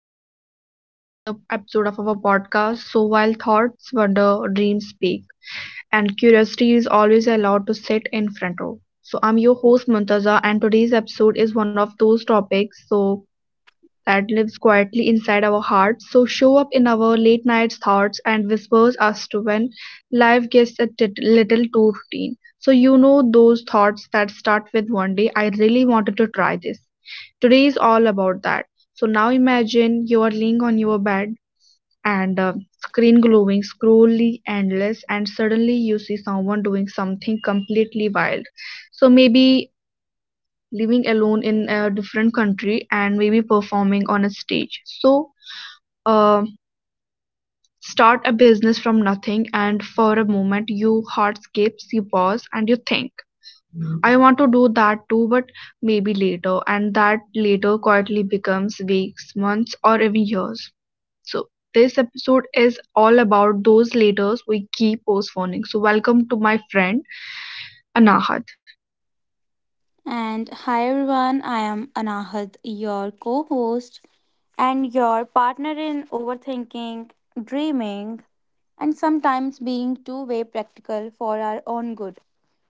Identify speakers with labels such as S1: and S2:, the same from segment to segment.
S1: welcome back to another episode of our podcast. So, while thoughts wander, dreams speak, and curiosity is always allowed to sit in front row. So, I'm your host Muntaza, and today's episode is one of those topics so that lives quietly inside our hearts. So, show up in our late night thoughts and whispers us to when life gets a little too routine. So, you know those thoughts that start with one day, I really wanted to try this. Today is all about that. So now imagine you are laying on your bed and screen glowing, scrolly endless, and suddenly you see someone doing something completely wild. So maybe living alone in a different country and maybe performing on a stage. So uh, start a business from nothing, and for a moment, your heart skips, you pause, and you think I want to do that too, but maybe later, and that later quietly becomes weeks, months, or even years. So, this episode is all about those laters we keep postponing. So, welcome to my friend Anahat.
S2: And hi everyone, I am Anahad, your co host and your partner in overthinking, dreaming, and sometimes being too way practical for our own good.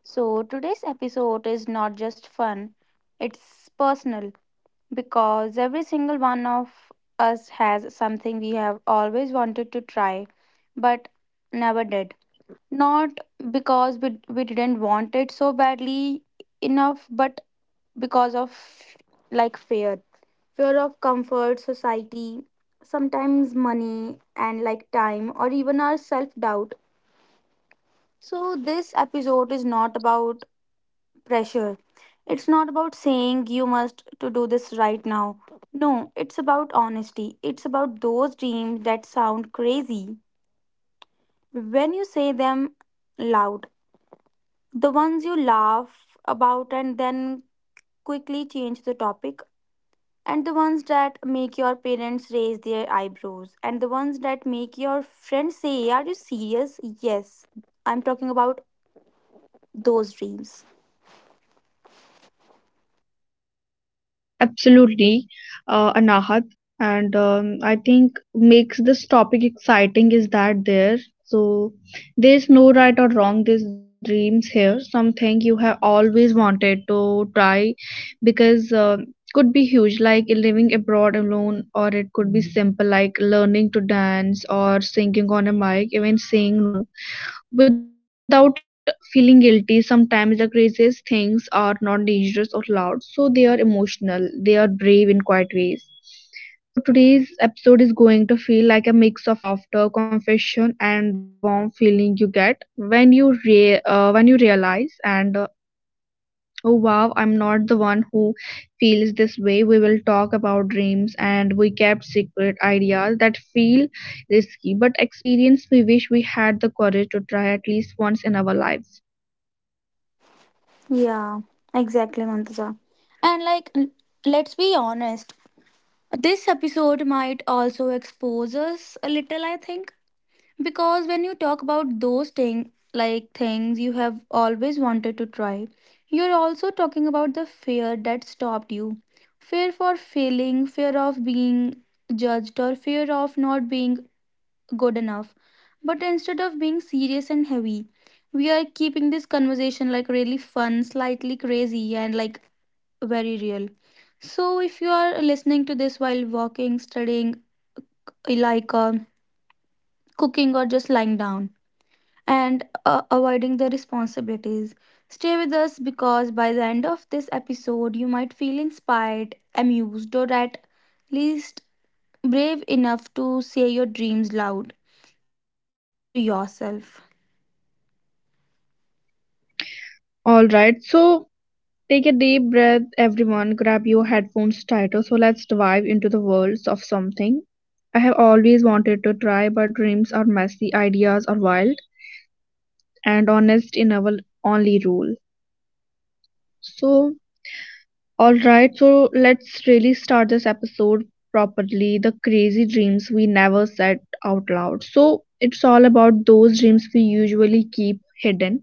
S2: So, today's episode is not just fun, it's personal because every single one of us has something we have always wanted to try but never did. Not because we didn't want it so badly enough, but because of like fear, fear of comfort, society, sometimes money and like time, or even our self doubt. So this episode is not about pressure, it's not about saying you must to do this right now. No, it's about honesty, it's about those dreams that sound crazy when you say them loud, the ones you laugh about and then quickly change the topic, and the ones that make your parents raise their eyebrows, and the ones that make your friends say are you serious? Yes, I'm talking about those dreams.
S1: Absolutely, Anahat, and I think makes this topic exciting is that there. So there's no right or wrong. There's dreams here. Something you have always wanted to try, because could be huge, like living abroad alone, or it could be simple, like learning to dance or singing on a mic. Even saying no without feeling guilty. Sometimes the craziest things are not dangerous or loud, so they are emotional, they are brave in quiet ways. So today's episode is going to feel like a mix of laughter, confession, and that warm feeling you get when you when you realize and oh wow, I'm not the one who feels this way. We will talk about dreams and we kept secret ideas that feel risky, but experience we wish we had the courage to try at least once in our lives.
S2: Yeah, exactly Mantaja. And like let's be honest, this episode might also expose us a little, I think. Because when you talk about those thing like things you have always wanted to try, you're also talking about the fear that stopped you. Fear for failing, fear of being judged, or fear of not being good enough. But instead of being serious and heavy, we are keeping this conversation like really fun, slightly crazy, and like very real. So if you are listening to this while walking, studying, like cooking, or just lying down, and avoiding the responsibilities. Stay with us because by the end of this episode, you might feel inspired, amused, or at least brave enough to say your dreams loud, even it's just to yourself.
S1: All right, so take a deep breath, everyone. Grab your headphones tighter. So let's dive into the worlds of something. I have always wanted to try, but dreams are messy, ideas are wild, and honest in our only rule. So all right, so let's really start this episode properly. The crazy dreams we never said out loud. So, it's all about those dreams we usually keep hidden,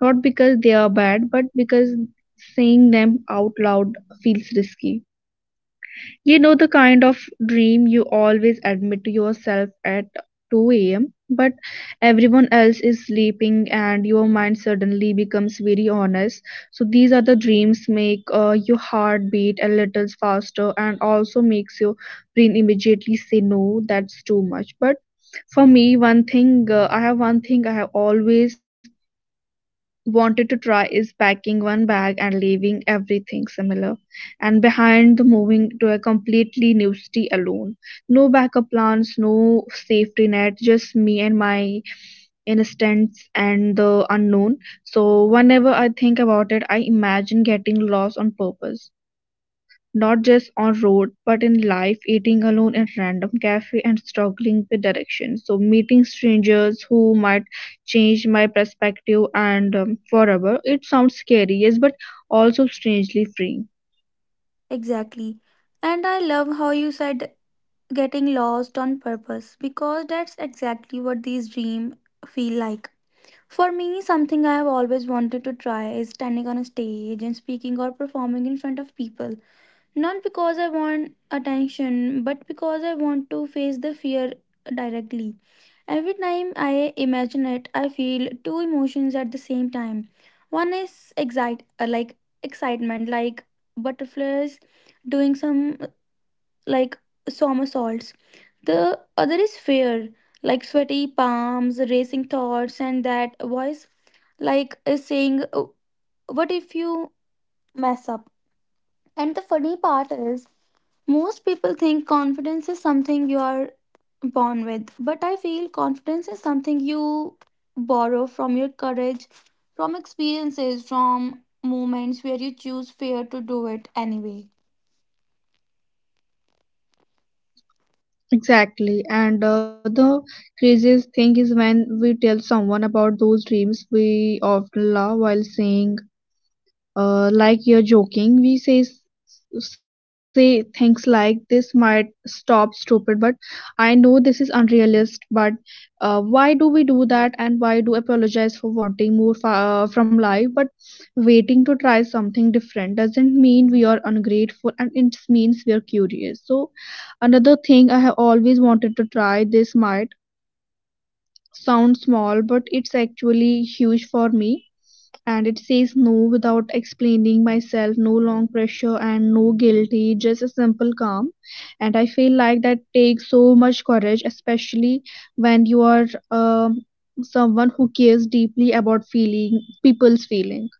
S1: not because they are bad, but because saying them out loud feels risky. You know the kind of dream you always admit to yourself at 2 a.m., but everyone else is sleeping and your mind suddenly becomes very honest. So these are the dreams make your heart beat a little faster and also makes your brain immediately say no, that's too much. But for me, one thing I have one thing I have always wanted to try is packing one bag and leaving everything similar and behind the moving to a completely new city alone. No backup plans, no safety net, just me and my instincts and the unknown. So whenever I think about it, I imagine getting lost on purpose, not just on road but in life, eating alone at random cafe and struggling with directions, so meeting strangers who might change my perspective and forever. It sounds scary, yes, but also strangely freeing.
S2: Exactly. And I love how you said getting lost on purpose, because that's exactly what these dreams feel like. For me, something I have always wanted to try is standing on a stage and speaking or performing in front of people. Not because I want attention, but because I want to face the fear directly. Every time I imagine it, I feel two emotions at the same time. One is excitement, like butterflies doing some like somersaults. The other is fear, like sweaty palms, racing thoughts, and that voice is saying, "Oh, what if you mess up?" And the funny part is, most people think confidence is something you are born with, but I feel confidence is something you borrow from your courage, from experiences, from moments where you choose fear to do it anyway.
S1: Exactly, and the craziest thing is when we tell someone about those dreams we often love while saying like you're joking. We say say things like this might stop stupid, but I know this is unrealistic. But why do we do that, and why do apologize for wanting more from life? But waiting to try something different doesn't mean we are ungrateful, and it means we are curious. So another thing I have always wanted to try. This might sound small, but it's actually huge for me, and it says no without explaining myself, no long pressure and no guilty, just a simple calm. And I feel like that takes so much courage, especially when you are um someone who cares deeply about feeling people's feelings.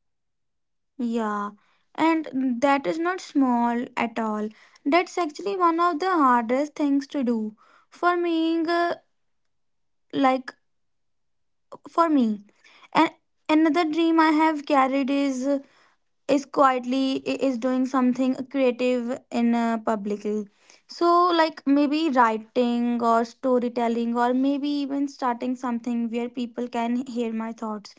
S2: Yeah, and that is not small at all. That's actually one of the hardest things to do. For me, like for me, and another dream I have carried is is doing something creative in, publicly. So like maybe writing or storytelling, or maybe even starting something where people can hear my thoughts.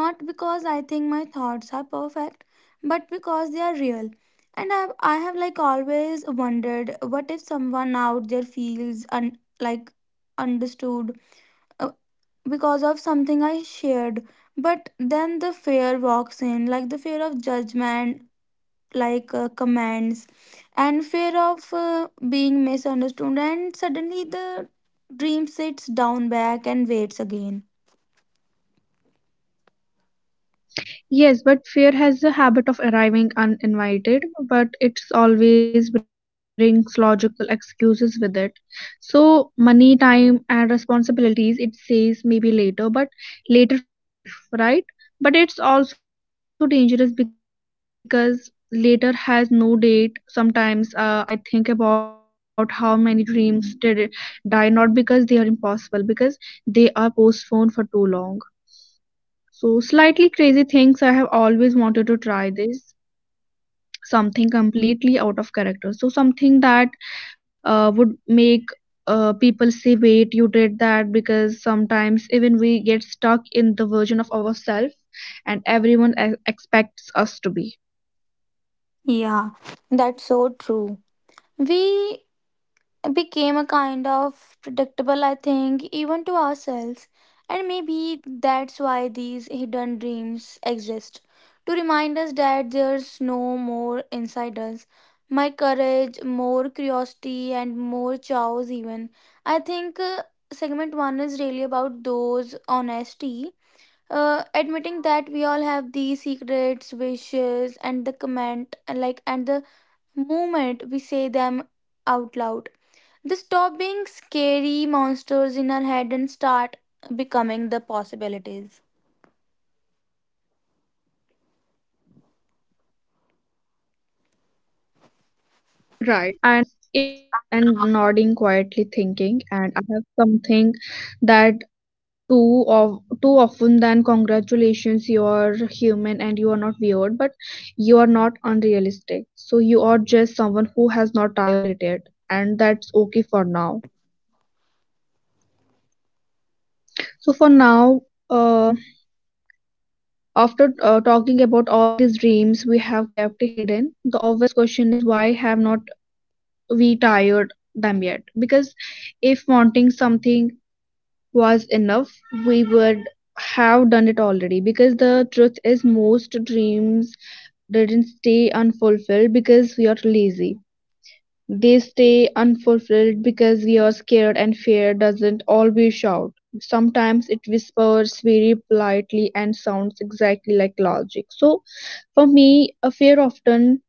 S2: Not because I think my thoughts are perfect, but because they are real. And I have like always wondered, what if someone out there feels understood, uh, because of something I shared? But then the fear walks in, like the fear of judgment, like commands, and fear of being misunderstood, and suddenly the dream sits down back and waits again.
S1: Yes, but fear has a habit of arriving uninvited, but it always brings logical excuses with it. So, money, time, and responsibilities, it says maybe later, but later feels safe, right? But it's also dangerous because later has no date. Sometimes I think about how many dreams did die, not because they are impossible, because they are postponed for too long. So, slightly crazy things I have always wanted to try this something completely out of character, so something that would make people say wait you did that, because sometimes even we get stuck in the version of ourselves and everyone expects us to be
S2: Yeah, that's so true. We became a kind of predictable, I think, even to ourselves. And maybe that's why these hidden dreams exist, to remind us that there's no more inside us. My courage, more curiosity, and more chows, even. I think segment one is really about those honesty. Admitting that we all have these secrets, wishes, and the comment, like, and the moment we say them out loud, they stop being scary monsters in our head and start becoming the possibilities.
S1: right. And if you're listening to this and nodding quietly thinking and I have something that too of too often, then congratulations, you are human and you are not weird, but you are not unrealistic, so you are just someone who has not tired at it, and that's okay for now. So for now, uh, after talking about all these dreams we have kept hidden, the obvious question is why have not we tired them yet, because if wanting something was enough, we would have done it already. Because the truth is most dreams didn't stay unfulfilled because we are lazy. They stay unfulfilled because we are scared, and fear doesn't always shout. Sometimes it whispers very politely and sounds exactly like logic. So, for me, a fear often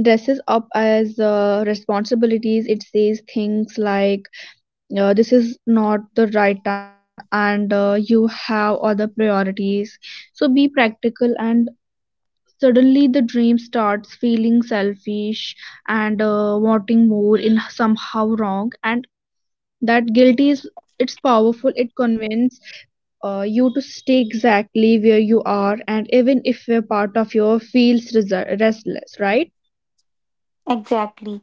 S1: dresses up as responsibilities. It says things like, this is not the right time, and you have other priorities. So, be practical. And suddenly, the dream starts feeling selfish and wanting more in somehow wrong, and that guilt is it's powerful. It convinces you to stay exactly where you are, and even if a part of you feels restless, right?
S3: Exactly.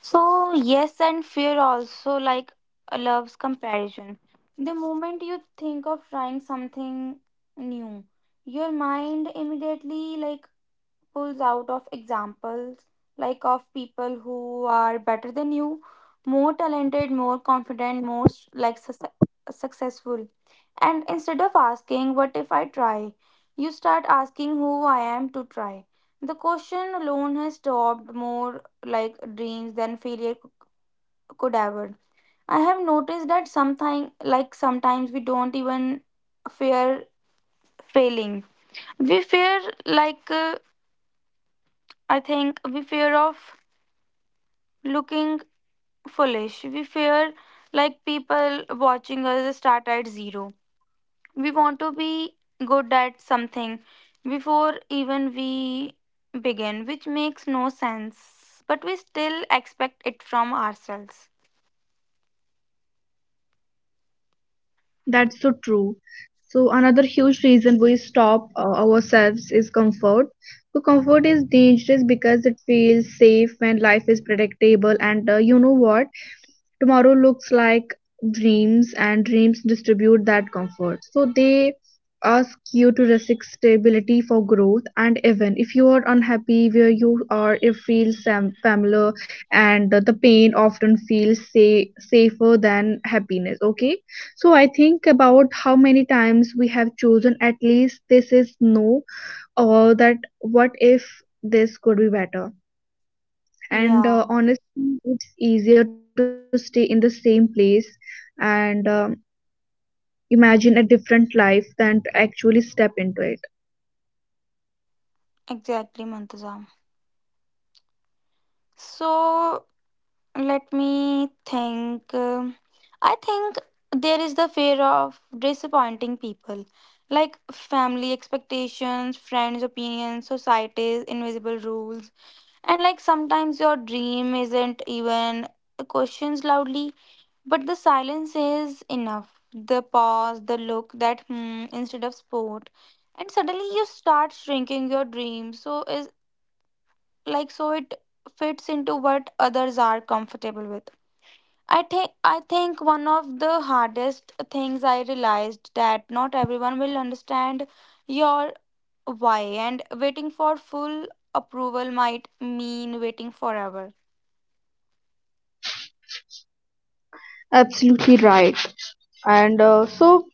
S3: So, yes, and fear also like loves comparison. The moment you think of trying something new, your mind immediately like pulls out of examples like of people who are better than you, more talented, more confident, most like successful. And instead of asking, "what if I try?" You start asking, "who I am to try?" The question alone has stopped more like dreams than failure could ever. I have noticed that something like sometimes we don't even fear failing. We fear like I think we fear of looking foolish. We fear like people watching us start at zero. We want to be good at something before even we begin, which makes no sense. But we still expect it from ourselves.
S1: That's so true. So another huge reason we stop ourselves is comfort. So comfort is dangerous because it feels safe when life is predictable and you know what tomorrow looks like. Dreams and dreams distribute that comfort, so they ask you to risk stability for growth, and even if you are unhappy where you are, it feels familiar, and the pain often feels safer than happiness. Okay, so I think about how many times we have chosen at least this is no, or that what if this could be better, and
S3: Yeah,
S1: honestly it's easier to stay in the same place and imagine a different life than to actually step into it.
S3: exactly, Mantuza. So let me think. I think there is the fear of disappointing people, like family expectations, friends' opinions, society's invisible rules, and like sometimes your dream isn't even questions loudly. But the silence is enough. The pause, the look, that hmm instead of sport. And suddenly you start shrinking your dream. So is like so it fits into what others are comfortable with. I think one of the hardest things I realized that not everyone will understand your why, and waiting for full approval might mean waiting forever.
S1: Absolutely right. And so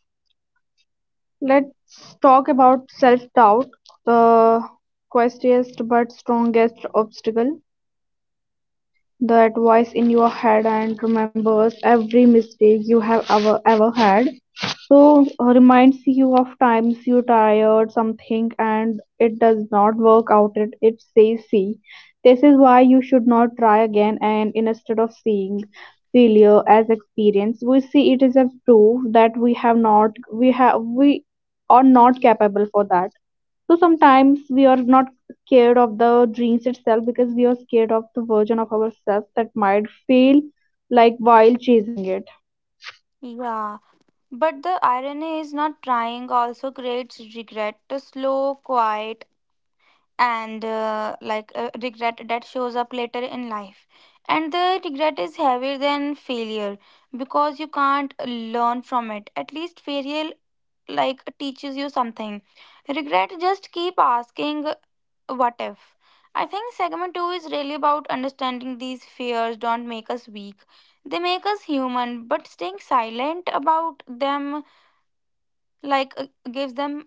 S1: let's talk about self doubt, the questiest but strongest obstacle. That voice in your head and remembers every mistake you have ever had. So reminds you of times you tired something and it does not work out. It says see this is why you should not try again, and instead of seeing failure as experience, we see it is a proof that we have not we have we are not capable for that. So sometimes we are not scared of the dreams itself, because we are scared of the version of ourselves that might fail like while chasing it.
S3: Yeah. But the irony is not trying also creates regret, a slow, quiet, and regret that shows up later in life. And the regret is heavier than failure because you can't learn from it. At least failure like teaches you something. Regret just keep asking what if. I think segment 2 is really about understanding these fears don't make us weak. They make us human, but staying silent about them like gives them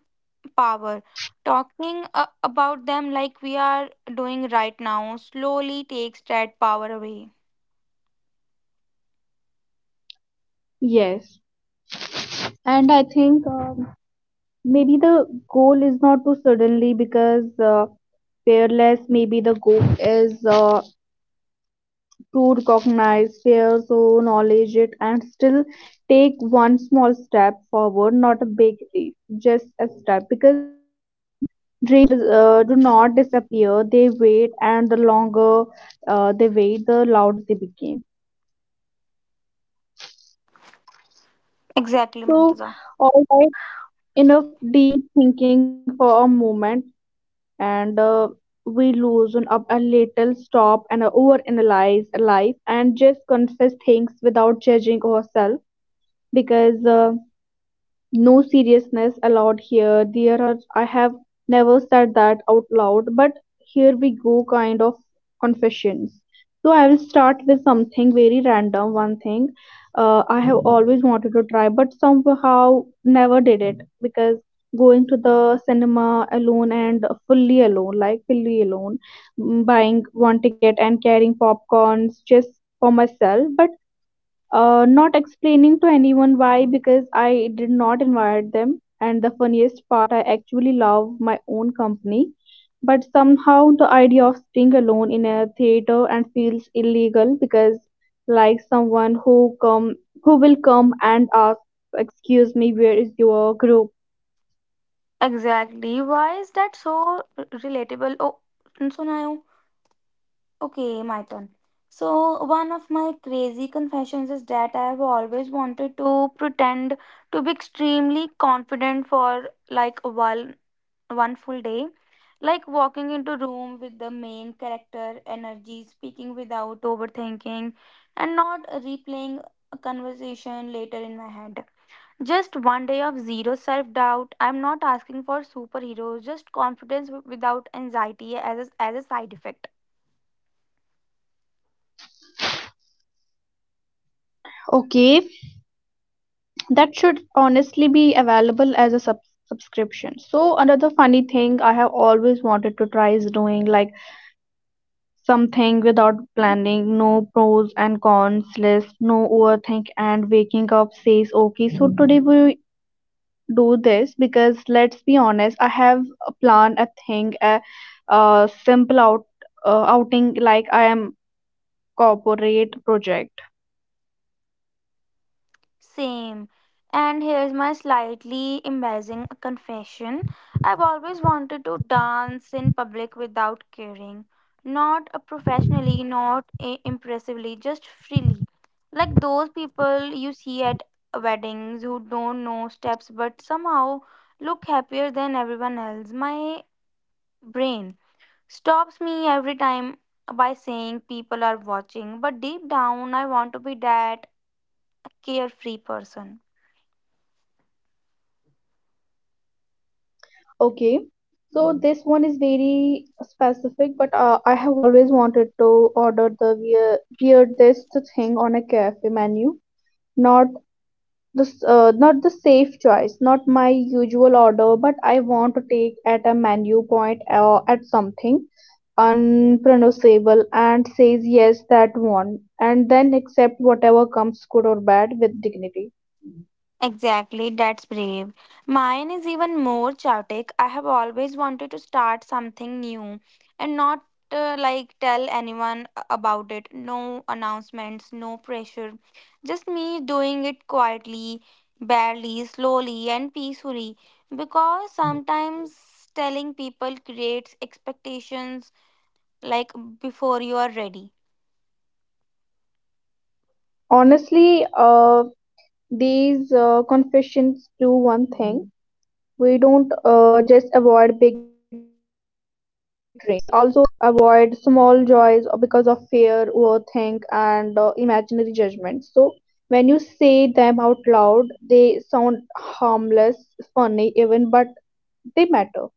S3: power. Talking about them like we are doing right now slowly takes that power away.
S1: Yes. And I think maybe the goal is not to suddenly because fearless, maybe the goal is to recognize fear, so knowledge it, and still take one small step forward, not a big leap, just a step. Because dreams do not disappear, they wait, and the longer they wait, the louder they became.
S4: Exactly, Mantaza.
S1: So, all right, enough deep thinking for a moment. And we loosen up a little, stop and overanalyze life, and just confess things without judging ourselves because. No seriousness allowed here. There are I have never said that out loud, but here we go kind of confessions. So I will start with something very random. One thing I have always wanted to try but somehow never did it, because going to the cinema alone and fully alone, like fully alone, buying one ticket and carrying popcorns just for myself, but not explaining to anyone why because I did not invite them. And the funniest part, I actually love my own company, but somehow the idea of staying alone in a theater and feels illegal, because like someone who will come and ask, "Excuse me, where is your group?"
S4: Exactly. Why is that so relatable? Oh, and so now, okay, my turn. So, one of my crazy confessions is that I have always wanted to pretend to be extremely confident for like a while, one full day. Like walking into room with the main character energy, speaking without overthinking, and not replaying a conversation later in my head. Just one day of zero self doubt. I'm not asking for superheroes, just confidence without anxiety as as a side effect.
S1: Okay, that should honestly be available as a subscription. So another funny thing I have always wanted to try is doing like something without planning, no pros and cons list, no overthink, and waking up says, okay, so today we do this, because let's be honest, I have a plan, a thing, a simple outing like I am corporate project.
S4: Same. And here's my slightly embarrassing confession. I've always wanted to dance in public without caring. Not professionally, not impressively, just freely. Like those people you see at weddings who don't know steps but somehow look happier than everyone else. My brain stops me every time by saying people are watching, but deep down, I want to be that carefree person.
S1: Okay, so this one is very specific, but I have always wanted to order the weird, weird this thing on a cafe menu, not this not the safe choice, not my usual order, but I want to take at a menu point or at something unpronounceable and says yes, that one, and then accept whatever comes, good or bad, with dignity.
S4: Exactly, that's brave. Mine is even more chaotic. I have always wanted to start something new and not like tell anyone about it. No announcements, no pressure. Just me doing it quietly, barely, slowly, and peacefully. Because sometimes telling people creates expectations like before you are ready.
S1: Honestly, these confessions do one thing. We don't just avoid big dreams, we also avoid small joys because of fear, overthink, and imaginary judgments. So when you say them out loud, they sound harmless, funny even, but they matter.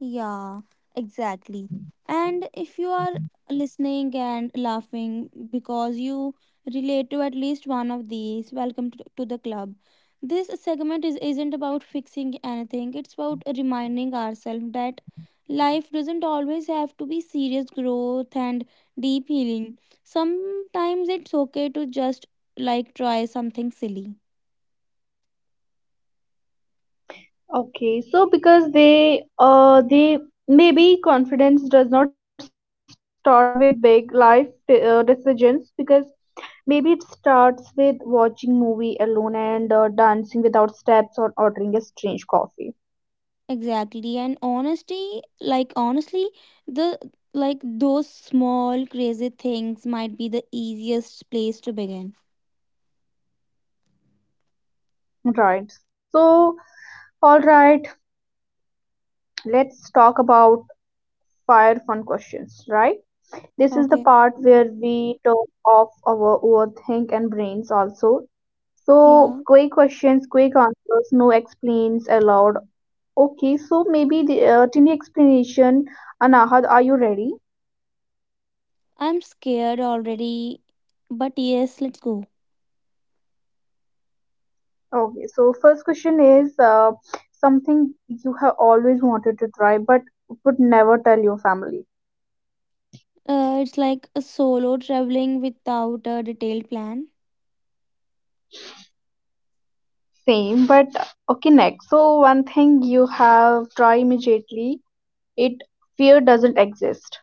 S4: Yeah, exactly. And if you are listening and laughing because you relate to at least one of these, welcome to the club. This segment is isn't about fixing anything. It's about reminding ourselves that life doesn't always have to be serious growth and deep healing. Sometimes it's okay to just like try something silly.
S1: Okay, so because they maybe confidence does not start with big life decisions, because maybe it starts with watching movie alone and dancing without steps or ordering a strange coffee.
S4: Exactly. And honesty, like honestly, the like those small crazy things might be the easiest place to begin.
S1: Right. So, all right, let's talk about fire fun questions, right? This is the
S4: Okay.
S1: part where we talk of our overthink and brains also. So,
S4: Yeah.
S1: quick questions, quick answers, no explains allowed. Okay, so maybe the tiny explanation. Anahad, are you ready?
S4: I'm scared already, but yes, let's go.
S1: Okay, so first question is something you have always wanted to try but would never tell your family.
S4: It's like a solo traveling without a detailed plan.
S1: Same, but okay, next. So one thing you have try immediately, it fear doesn't exist.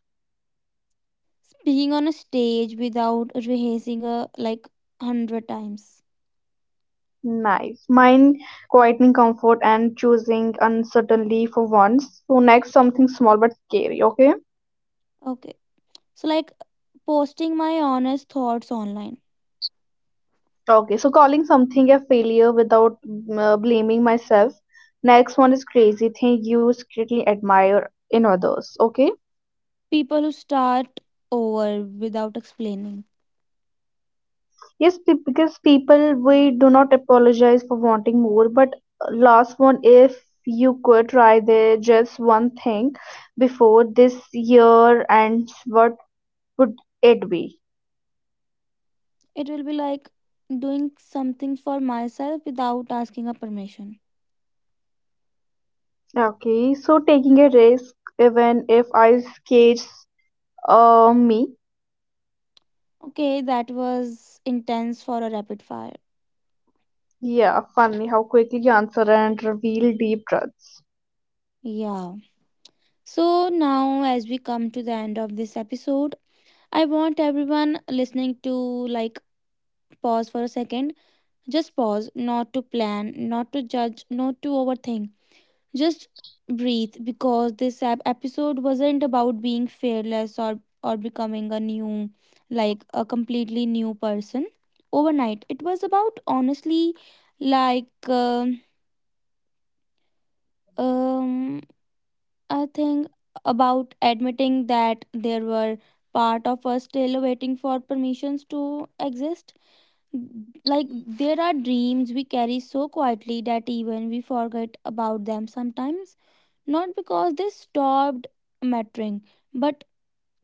S4: Speaking on a stage without rehearsing a like 100 times.
S1: Nice. Mine, quieting comfort and choosing uncertainty for once. So next, something small but scary, okay?
S4: Okay. So like posting my honest thoughts online.
S1: Okay, so calling something a failure without blaming myself. Next one is crazy thing you secretly admire in others. Okay,
S4: People who start over without explaining.
S1: yes, because people we do not apologize for wanting more, but last one, if you could try the just one thing before this year ends, what would it be?
S4: It will be like doing something for myself without asking a permission.
S1: Okay, so taking a risk, even if I cage me.
S4: Okay, that was intense for a rapid fire.
S1: Yeah, funny how quickly you answer and reveal deep truths.
S4: Yeah. So now as we come to the end of this episode, I want everyone listening to like pause for a second. Just pause, not to plan, not to judge, not to overthink. Just breathe like a completely new person overnight. It was about honestly, like, um, I think about admitting that there were part of us still waiting for permissions to exist. Like, there are dreams we carry so quietly that even we forget about them sometimes, not because they stopped mattering. But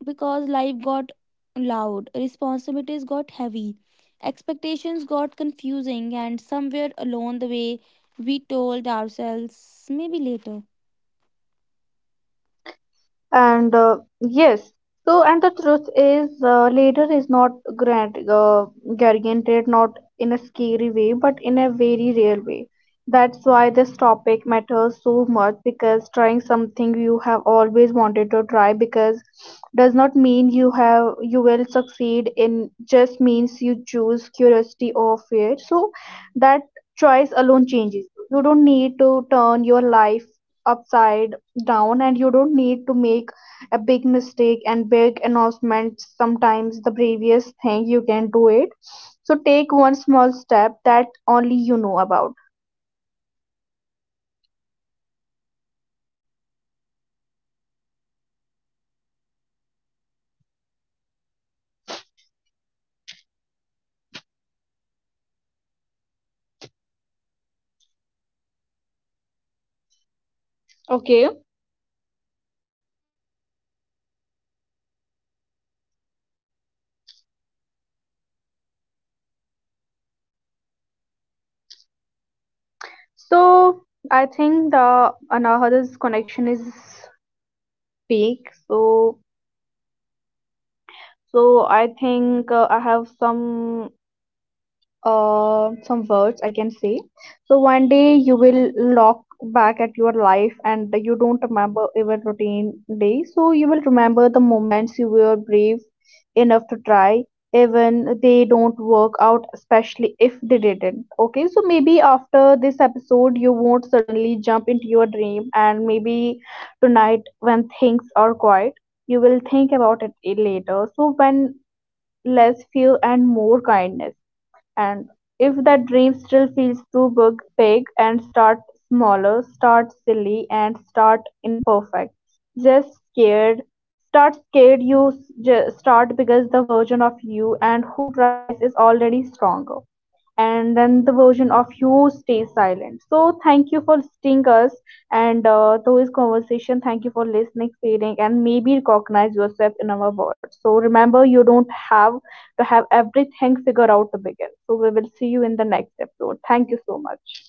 S4: because life got loud, responsibilities got heavy, expectations got confusing, and somewhere along the way, we told ourselves maybe later.
S1: And yes, so and the truth is, later is not grant guaranteed, not in a scary way, but in a very real way. That's why this topic matters so much, because trying something you have always wanted to try, because does not mean you have you will succeed, in just means you choose curiosity or fear. So that choice alone changes. You don't need to turn your life upside down, and you don't need to make a big mistake and big announcement. Sometimes the previous thing you can do it. So take one small step that only you know about. Okay, so I think the another's connection is big. So so I think I have some words I can say. So one day you will look back at your life, and you don't remember every routine day. So you will remember the moments you were brave enough to try, even they don't work out, especially if they didn't. Okay, so maybe after this episode you won't suddenly jump into your dream, and maybe tonight when things are quiet. You will think about it later. So when less fear and more kindness. And if that dream still feels too big, and start smaller, start silly and start imperfect. Just scared. Start scared, you start, because the version of you and who tries is already stronger and then the version of you stays silent. So thank you for listening us and to his conversation. Thank you for listening, feeling, and maybe recognize yourself in our words. So remember, you don't have to have everything figured out to begin. So we will see you in the next episode. Thank you so much.